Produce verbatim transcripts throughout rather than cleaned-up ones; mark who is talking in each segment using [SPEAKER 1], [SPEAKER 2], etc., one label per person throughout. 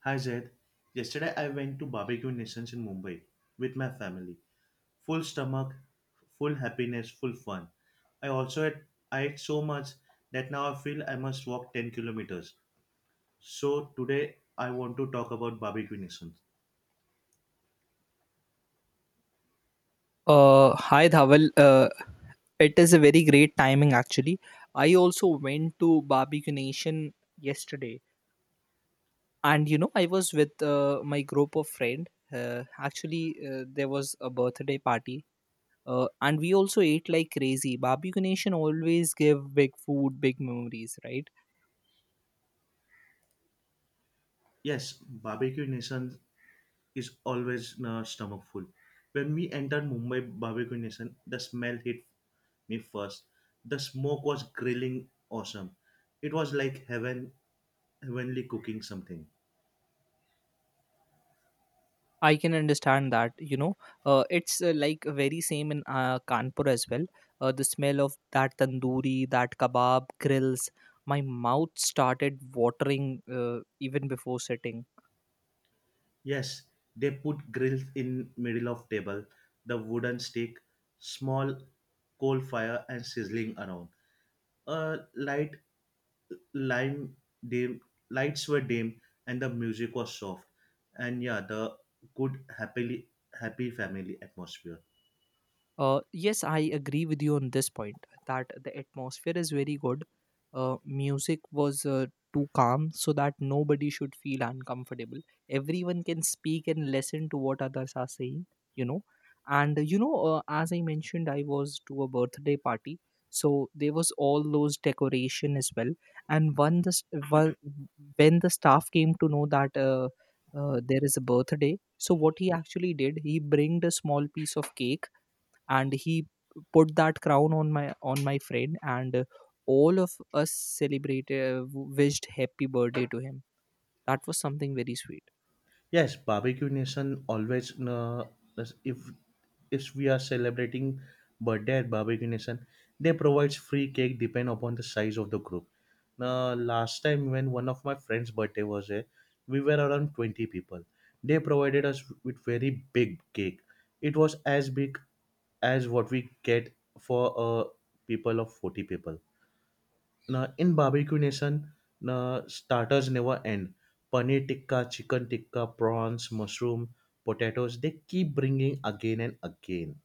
[SPEAKER 1] Hi Zaid. Yesterday I went to Barbecue Nations in Mumbai with my family. Full stomach, full happiness, full fun. I also ate, I ate so much that now I feel I must walk ten kilometers. So today I want to talk about Barbecue Nations.
[SPEAKER 2] Uh, hi Dhaval. Uh, it is a very great timing actually. I also went to Barbecue Nation yesterday, and you know I was with uh, my group of friend. Uh, actually, uh, there was a birthday party, uh, and we also ate like crazy. Barbecue Nation always give big food, big memories, right?
[SPEAKER 1] Yes, Barbecue Nation is always uh, stomach full. When we entered Mumbai Barbecue Nation, the smell hit me first. The smoke was grilling awesome. It was like heaven, Heavenly cooking something.
[SPEAKER 2] I can understand that, you know, uh, it's uh, like uh, very same in uh, Kanpur as well. Uh, the smell of that tandoori, that kebab grills, my mouth started watering uh, even before sitting.
[SPEAKER 1] Yes, they put grills in middle of table, the wooden stick, small coal fire and sizzling around. A light lime dim Lights were dim and the music was soft. And yeah, the good happily happy family atmosphere.
[SPEAKER 2] Uh, yes, I agree with you on this point that the atmosphere is very good. Uh, music was uh, too calm so that nobody should feel uncomfortable. Everyone can speak and listen to what others are saying, you know. And uh, you know, uh, as I mentioned, I was to a birthday party, so there was all those decoration as well. And when the st- wha- when the staff came to know that uh, uh, there is a birthday, so what he actually did, he bringed a small piece of cake and he put that crown on my on my friend and uh, all of us celebrated wished happy birthday to him. That was something very sweet.
[SPEAKER 1] Yes, barbecue nation always. Uh, as if if we are celebrating birthday at barbecue nation, they provides free cake depend upon the size of the group. Now, last time when one of my friends' birthday was there, we were around twenty people. They provided us with very big cake. It was as big as what we get for uh, people of forty people. Now, in barbecue nation, now, starters never end. Paneer tikka, chicken tikka, prawns, mushroom, potatoes, they keep bringing again and again.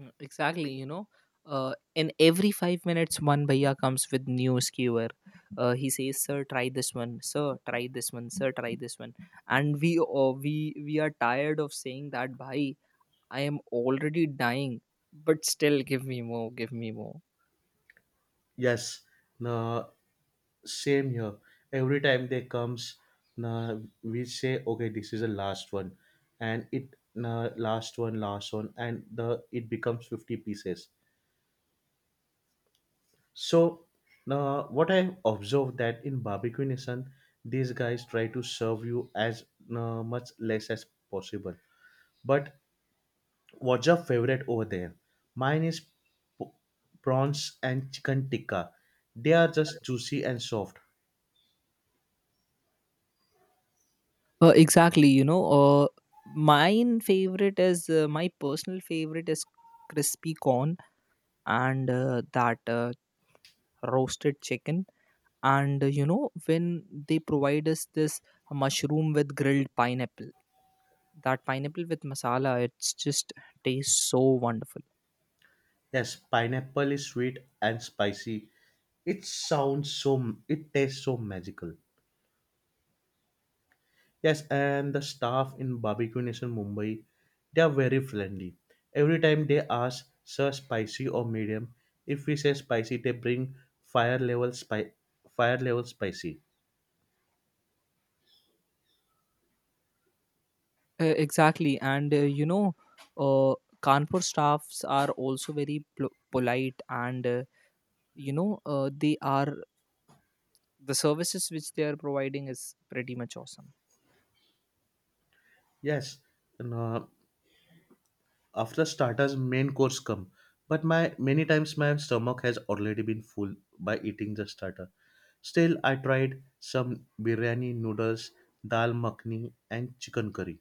[SPEAKER 2] Mm, Exactly, you know, uh, in every five minutes, one bhaiya comes with new skewer. Uh, he says, "Sir, try this one. Sir, try this one. Sir, try this one." And we, uh, we, we are tired of saying that, "Bhai, I am already dying, but still, give me more, give me more."
[SPEAKER 1] Yes, now, same here. Every time they comes, now, we say, okay, this is the last one. And it, now, last one, last one, and the it becomes fifty pieces. So, uh, what I observed that in barbecue nation, these guys try to serve you as uh, much less as possible. But what's your favorite over there? Mine is p- prawns and chicken tikka. They are just juicy and soft.
[SPEAKER 2] Uh, exactly, you know, uh, mine favorite is uh, my personal favorite is crispy corn and uh, that uh, roasted chicken. And uh, you know, when they provide us this mushroom with grilled pineapple, that pineapple with masala, it's just tastes so wonderful.
[SPEAKER 1] Yes, pineapple is sweet and spicy. It sounds so. It tastes so magical. Yes, and the staff in Barbecue Nation Mumbai, they are very friendly. Every time they ask, sir, spicy or medium, if we say spicy, they bring fire level spi- fire level spicy.
[SPEAKER 2] Uh, exactly, and uh, you know, uh, Kanpur staffs are also very pl- polite and uh, you know uh, they are the services which they are providing is pretty much awesome.
[SPEAKER 1] Yes, and, uh, after starters, main course come. But my many times my stomach has already been full by eating the starter. Still, I tried some biryani noodles, dal makhni, and chicken curry.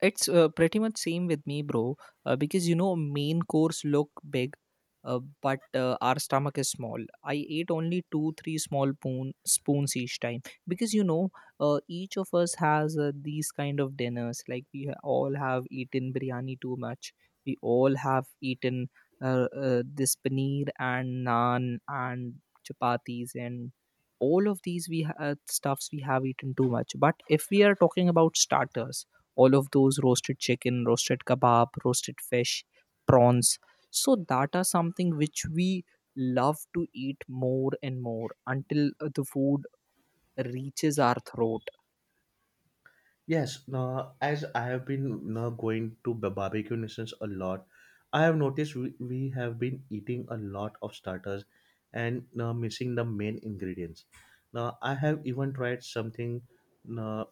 [SPEAKER 2] It's uh, pretty much same with me, bro. Uh, because you know, main course look big, uh, but uh, our stomach is small. I ate only two, three small spoon, spoons each time because you know, uh, each of us has uh, these kind of dinners. Like we ha- all have eaten biryani too much. We all have eaten uh, uh, this paneer and naan and chapatis and all of these we ha- uh, stuffs we have eaten too much. But if we are talking about starters all of those roasted chicken, roasted kebab, roasted fish, prawns. So that are something which we love to eat more and more until uh, the food reaches our throat.
[SPEAKER 1] Yes, now as I have been now going to ba- barbecue nations a lot, I have noticed we, we have been eating a lot of starters and now missing the main ingredients. Now I have even tried something uh,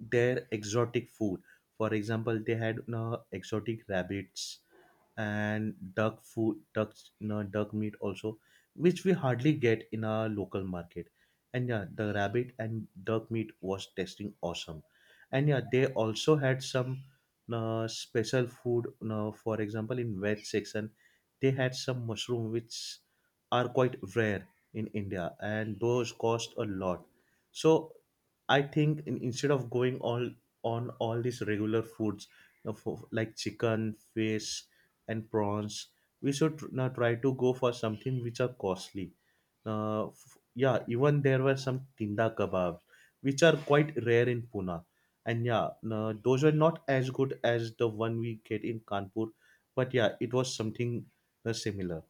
[SPEAKER 1] their exotic food. For example, they had you know, exotic rabbits and duck food, ducks, you know, duck meat also, which we hardly get in our local market. And yeah, the rabbit and duck meat was tasting awesome. And yeah, they also had some uh, special food. You know, for example, in veg section, they had some mushroom which are quite rare in India, and those cost a lot. So I think in, instead of going all on all these regular foods uh, for- like chicken, fish, and prawns, we should tr- now try to go for something which are costly. Uh, f- yeah, even there were some tinda kebabs, which are quite rare in Pune, and yeah, no, those are not as good as the one we get in Kanpur, but yeah, it was something uh, similar.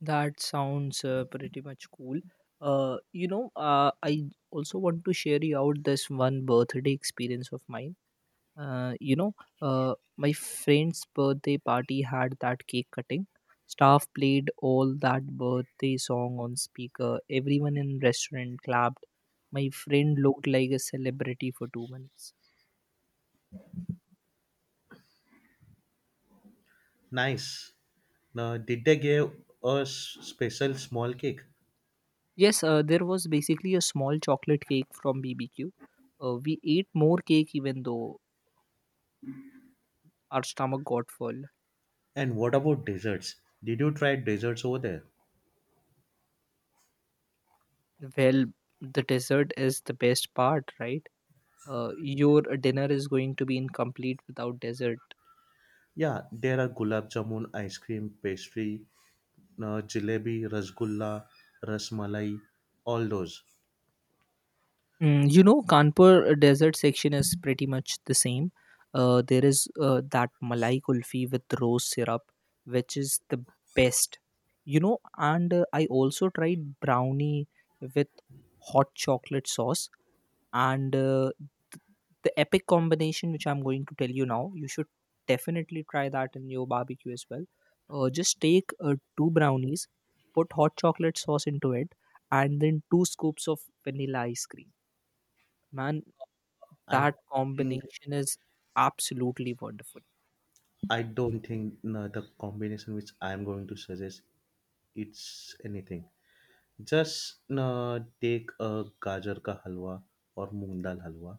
[SPEAKER 2] That sounds uh, pretty much cool. Uh, you know, uh, I also want to share you out this one birthday experience of mine. Uh, you know, uh, my friend's birthday party had that cake cutting. Staff played all that birthday song on speaker. Everyone in restaurant clapped. My friend looked like a celebrity for two minutes.
[SPEAKER 1] Nice. Now, did they give us special small cake?
[SPEAKER 2] Yes, uh, there was basically a small chocolate cake from B B Q. Uh, we ate more cake even though our stomach got full.
[SPEAKER 1] And what about desserts? Did you try desserts over there?
[SPEAKER 2] Well, the dessert is the best part, right? Uh, your dinner is going to be incomplete without dessert.
[SPEAKER 1] Yeah, there are gulab jamun, ice cream, pastry, uh, jalebi, rasgulla, rasmalai, all those.
[SPEAKER 2] Mm, you know, Kanpur desert section is pretty much the same. Uh, there is uh, that Malai Kulfi with rose syrup, which is the best. You know, and uh, I also tried brownie with hot chocolate sauce. And uh, th- the epic combination, which I'm going to tell you now, you should definitely try that in your barbecue as well. Uh, just take uh, two brownies, put hot chocolate sauce into it, and then two scoops of vanilla ice cream. Man,
[SPEAKER 1] I
[SPEAKER 2] that
[SPEAKER 1] think
[SPEAKER 2] combination is absolutely wonderful.
[SPEAKER 1] I don't think uh, the combination which I am going to suggest it's anything. Just uh, take a gajar ka halwa or moong dal halwa.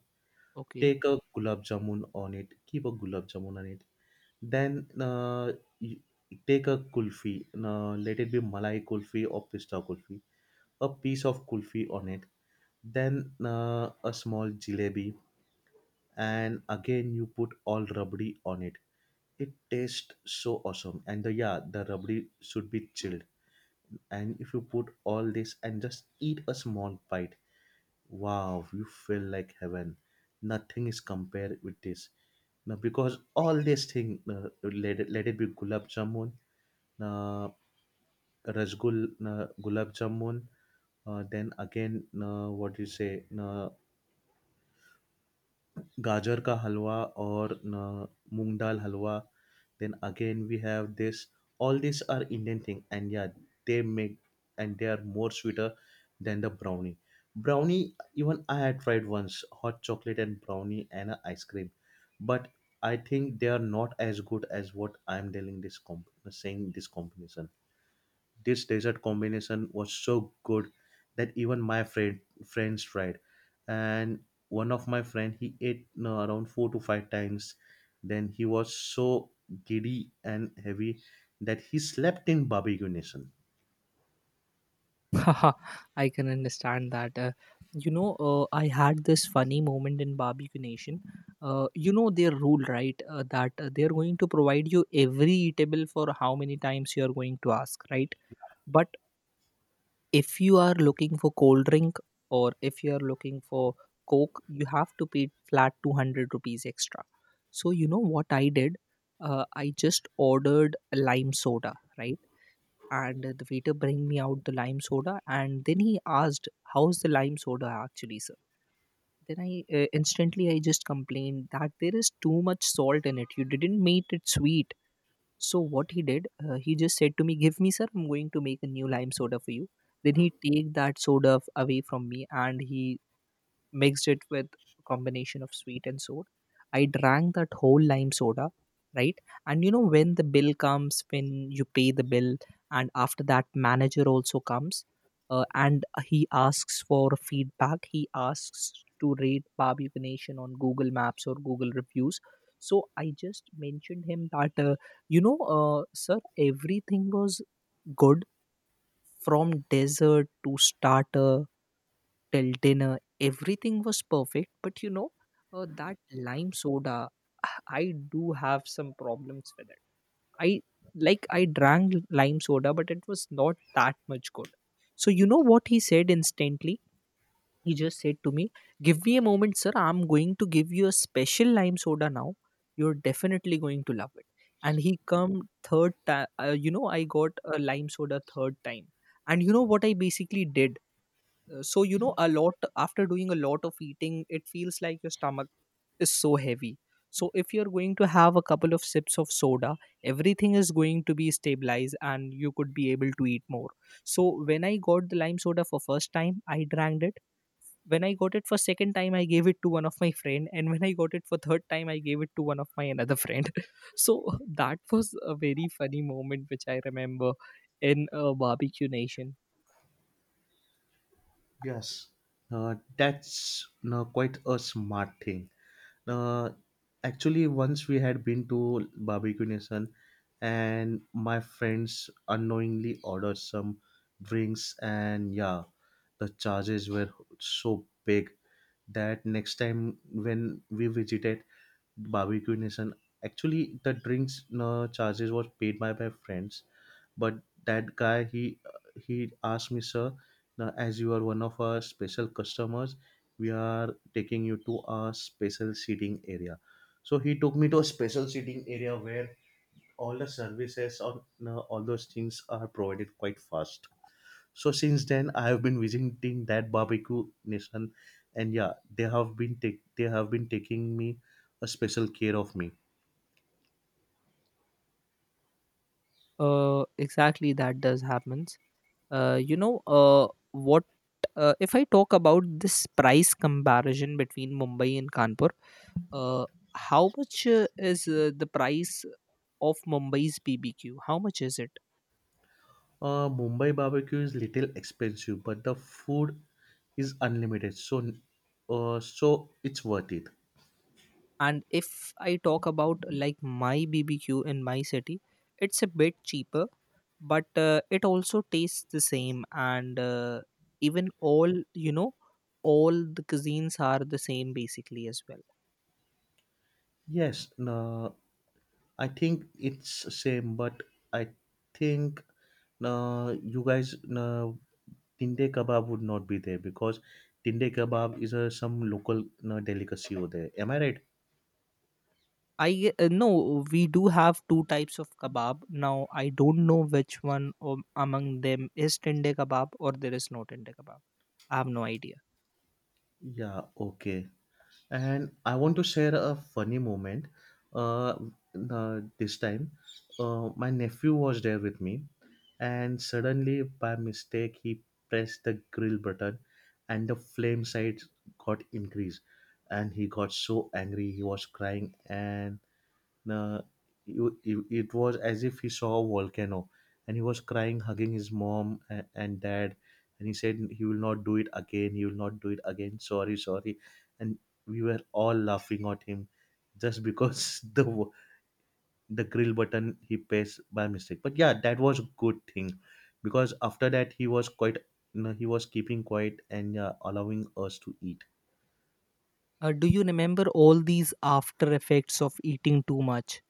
[SPEAKER 2] Okay.
[SPEAKER 1] Take a gulab jamun on it. Keep a gulab jamun on it. Then uh, you take a kulfi, uh, let it be malai kulfi or pista kulfi, a piece of kulfi on it, then uh, a small jalebi, and again you put all rabdi on it. It tastes so awesome, and the yeah, the rabdi should be chilled. And if you put all this and just eat a small bite, wow, you feel like heaven. Nothing is compared with this. Now, because all this thing, uh, let it, let it be gulab jamun, uh, rasgul uh, gulab jamun, uh, then again uh, what do you say, uh, gajar ka halwa or uh, moong dal halwa, then again we have this. All these are indian thing and yeah they make, and they are more sweeter than the brownie. Brownie even I had tried once hot chocolate and brownie and a ice cream, but I think they are not as good as what I'm telling this comp- saying this combination. This dessert combination was so good that even my friend friends tried. And one of my friend he ate no around four to five times. Then he was so giddy and heavy that he slept in barbecue nation.
[SPEAKER 2] Haha, i can understand that. Uh, you know uh, i had this funny moment in Barbecue Nation. Uh, you know their rule, right? Uh, that uh, they're going to provide you every eatable for how many times you are going to ask, right? But if you are looking for cold drink or if you are looking for coke, you have to pay flat two hundred rupees extra. So you know what i did? Uh, i just ordered a lime soda, right? And the waiter bring me out the lime soda, and then he asked, "How's the lime soda actually, sir?" Then I uh, instantly I just complained that there is too much salt in it. You didn't make it sweet. So what he did, uh, he just said to me, "Give me, sir, I'm going to make a new lime soda for you." Then he take that soda f- away from me and he mixed it with a combination of sweet and sour. I drank that whole lime soda, right? And you know when the bill comes, when you pay the bill, and after that manager also comes, uh, and he asks for feedback. He asks to rate Barbecue Nation on Google Maps or Google reviews. So I just mentioned him that, uh, you know, uh, sir, everything was good from dessert to starter till dinner. Everything was perfect, but you know uh, that lime soda, i do have some problems with it. I like i drank lime soda, but it was not that much good. So you know what he said instantly? He just said to me, "Give me a moment, sir, I'm going to give you a special lime soda now. You're definitely going to love it." And he come third time. uh, you know i got a lime soda third time. And you know what i basically did? So you know a lot after doing a lot of eating, it feels like your stomach is so heavy. So if you're going to have a couple of sips of soda, everything is going to be stabilized and you could be able to eat more. So when i got the lime soda for first time, i drank it. When i got it for second time, i gave it to one of my friend. And when i got it for third time, i gave it to one of my another friend. So that was a very funny moment which i remember in a Barbecue Nation.
[SPEAKER 1] Yes. Uh, that's no quite a smart thing. Uh, Actually, once we had been to Barbecue Nation, and my friends unknowingly ordered some drinks, and yeah, the charges were so big that next time when we visited Barbecue Nation, actually the drinks uh, charges was paid by my friends, but that guy he he asked me, sir, now as you are one of our special customers, we are taking you to a special seating area. So he took me to a special seating area where all the services on uh, all those things are provided quite fast. So since then I have been visiting that barbecue nation, and yeah, they have been take they have been taking me a special care of me.
[SPEAKER 2] Uh exactly, that does happen. Uh, you know uh, what? Uh, if I talk about this price comparison between Mumbai and Kanpur, uh, how much uh, is uh, the price of Mumbai's B B Q? How much is it?
[SPEAKER 1] Uh, Mumbai barbecue is little expensive, but the food is unlimited, so uh, so it's worth it.
[SPEAKER 2] And if I talk about like my B B Q in my city, it's a bit cheaper, but uh, it also tastes the same. And uh, even all, you know, all the cuisines are the same basically as well.
[SPEAKER 1] Yes, no, I think it's same, but I think no, you guys no, tinde kebab would not be there because tinde kebab is a some local no, delicacy over there. Am I right?
[SPEAKER 2] I uh, No, we do have two types of kebab. Now I don't know which one o- among them is tende kebab or there is no tende kebab. I have no idea.
[SPEAKER 1] Yeah. Okay. And I want to share a funny moment. Uh, uh, this time, uh, my nephew was there with me, and suddenly, by mistake, he pressed the grill button, and the flame size got increased, and he got so angry. He was crying, and uh, you- you- it was as if he saw a volcano, and he was crying hugging his mom a- and dad, and he said he will not do it again, he will not do it again, sorry sorry. And we were all laughing at him just because the w- the grill button he pressed by mistake. But yeah, that was a good thing because after that he was quite, you know, he was keeping quiet and uh, allowing us to eat.
[SPEAKER 2] Uh, do you remember all these after effects of eating too much?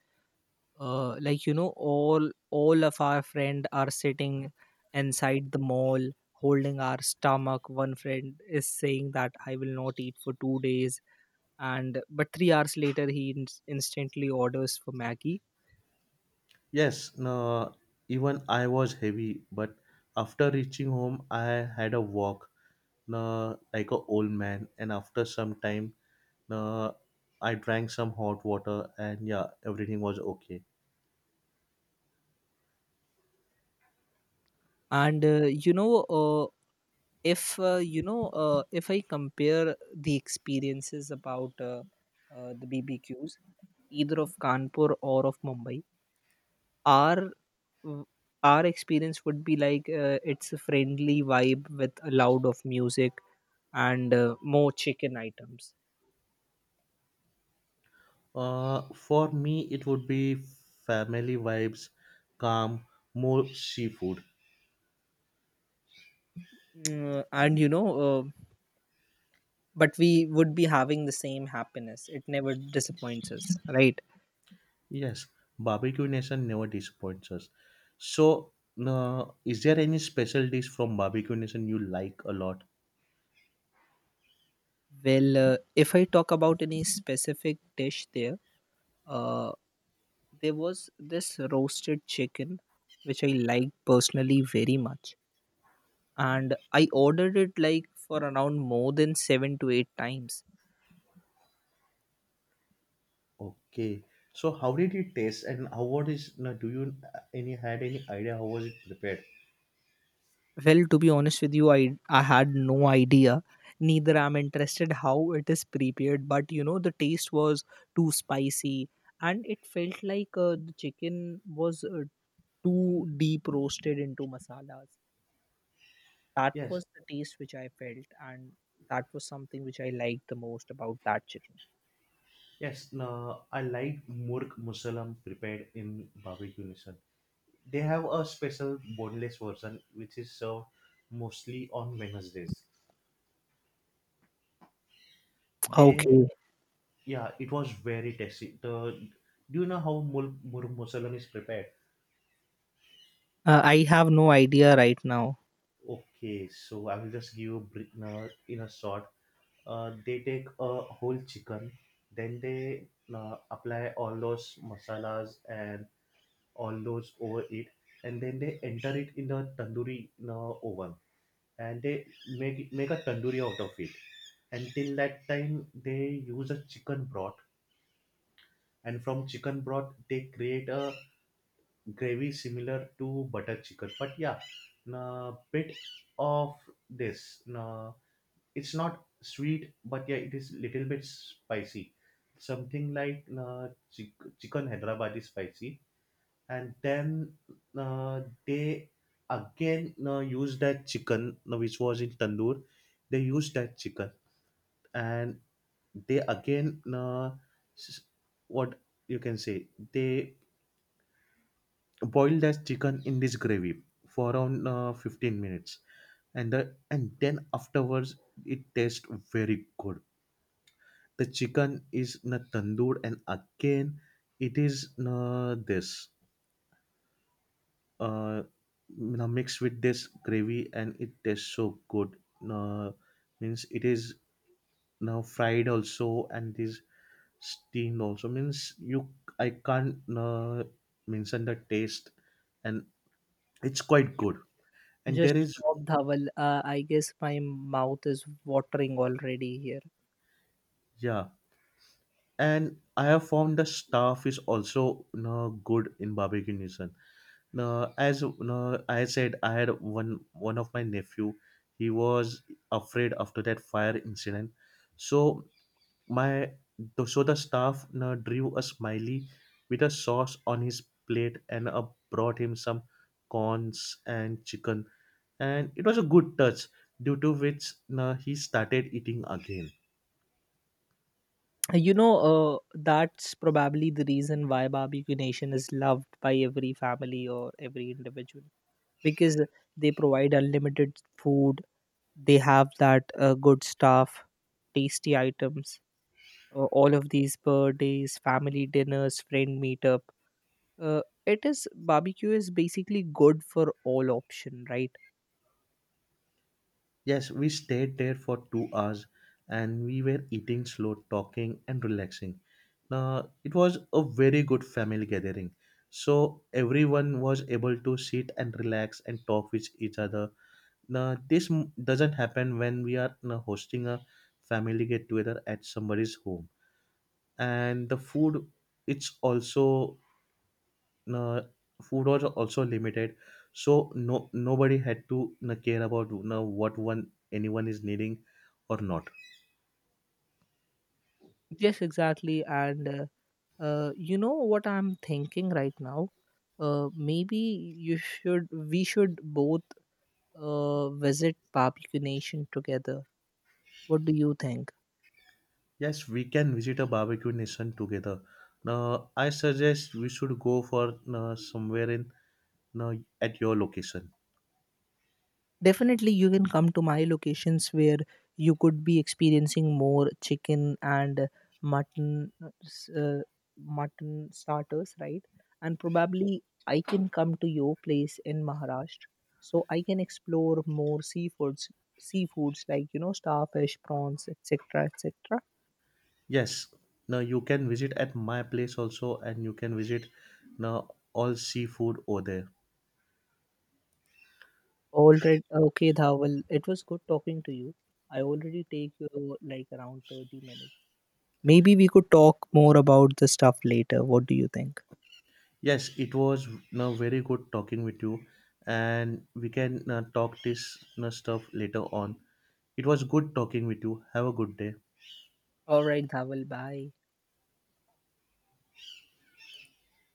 [SPEAKER 2] Uh, like, you know, all all of our friend are sitting inside the mall holding our stomach. One friend is saying that I will not eat for two days, and but three hours later he ins instantly orders for Maggie.
[SPEAKER 1] Yes, no, even I was heavy, but after reaching home, I had a walk, no, like a old man, and after some time, no, I drank some hot water, and yeah, everything was okay.
[SPEAKER 2] And uh, you know uh, if uh, you know uh, if i compare the experiences about uh, uh, the bbqs, either of Kanpur or of Mumbai, our w- our experience would be like uh, it's a friendly vibe with a loud of music and uh, more chicken items.
[SPEAKER 1] Uh, for me, it would be family vibes, calm, more seafood.
[SPEAKER 2] Mm, uh, and you know uh, but we would be having the same happiness. It never disappoints us, right?
[SPEAKER 1] Yes, barbecue nation never disappoints us. So, no, is there any special dish from barbecue nation you like a lot?
[SPEAKER 2] Well, uh, if i talk about any specific dish there uh, There was this roasted chicken which I liked personally very much, and I ordered it like for around more than seven to eight times.
[SPEAKER 1] Okay. So how did it taste and how what is now do you uh, any had any idea how was it prepared?
[SPEAKER 2] Well, to be honest with you, I I had no idea. Neither I'm interested how it is prepared, but you know the taste was too spicy, and it felt like uh, the chicken was uh, too deep roasted into masalas. That
[SPEAKER 1] Yes.
[SPEAKER 2] was the taste which I felt, and that was something which I liked the most about that chicken.
[SPEAKER 1] Yes. Now I like murk musalam prepared in barbecue nation. They have a special boneless version which is served mostly on Wednesdays. They
[SPEAKER 2] Okay.
[SPEAKER 1] Yeah, it was very tasty. The Do you know how murk murk musalam is prepared?
[SPEAKER 2] Uh, I have no idea right now.
[SPEAKER 1] Okay, so I will just give you a bri- uh, in a short. Uh, they take a whole chicken, then they uh, apply all those masalas and all those over it, and then they enter it in the tandoori in a oven, and they make it- make a tandoori out of it. Until that time, they use a chicken broth, and from chicken broth they create a gravy similar to butter chicken. But yeah, a bit of this. Na, it's not sweet but yeah it is little bit spicy, something like, uh, chick- chicken hyderabad is spicy. And then uh, they again uh, use that chicken, uh, which was in tandoor, they use that chicken, and they again, uh, s- what you can say they boil that chicken in this gravy for around uh, fifteen minutes. And the, and then afterwards it tastes very good. The chicken is na tandoor and again it is na this, uh, na mixed with this gravy, and it tastes so good. Na means it is now fried also and it is steamed also, means you I can't uh, mention the taste, and it's quite good. And
[SPEAKER 2] Just
[SPEAKER 1] there is,
[SPEAKER 2] stop, Dhawal. Uh, I guess my mouth is watering already here.
[SPEAKER 1] yeah. And I have found the staff is also, you know, good in Barbecue Nation. Now, as you know, I said, I had one one of my nephew. He was afraid after that fire incident. So my the- so the staff, you know, drew a smiley with a sauce on his plate and uh, brought him some corns and chicken, and it was a good touch. Due to which, you know, he started eating again.
[SPEAKER 2] You know, uh, that's probably the reason why Barbecue Nation is loved by every family or every individual because they provide unlimited food. They have that uh, good stuff, tasty items. Uh, all of these birthdays, family dinners, friend meetup. Uh, it is Barbecue is basically good for all option, right?
[SPEAKER 1] Yes, we stayed there for two hours and we were eating slow, talking, and relaxing. Now, it was a very good family gathering. So, everyone was able to sit and relax and talk with each other. Now, this m- doesn't happen when we are, you know, hosting a family get together at somebody's home. And the food, it's also uh, food was also limited, so no nobody had to uh, care about uh, what one anyone is needing or not.
[SPEAKER 2] Yes, exactly. And uh, uh, you know what I'm thinking right now? Uh, maybe you should, we should both uh, visit Barbecue Nation together. What do you think?
[SPEAKER 1] Yes, we can visit a barbecue nation together. Now I suggest we should go for uh, somewhere in, uh, at your location.
[SPEAKER 2] Definitely, you can come to my locations where you could be experiencing more chicken and mutton, uh, s- uh, mutton starters, right? And probably I can come to your place in Maharashtra, so I can explore more seafoods, seafoods like, you know starfish, prawns, et cetera, et cetera.
[SPEAKER 1] Yes, now you can visit at my place also and you can visit now all seafood over there.
[SPEAKER 2] Already okay, Dhawal. It was good talking to you. I already take you like around thirty minutes. Maybe we could talk more about the stuff later. What do you think?
[SPEAKER 1] Yes, it was now very good talking with you, and we can uh, talk this uh, stuff later on. It was good talking with you. Have a good day.
[SPEAKER 2] Alright, I Bye.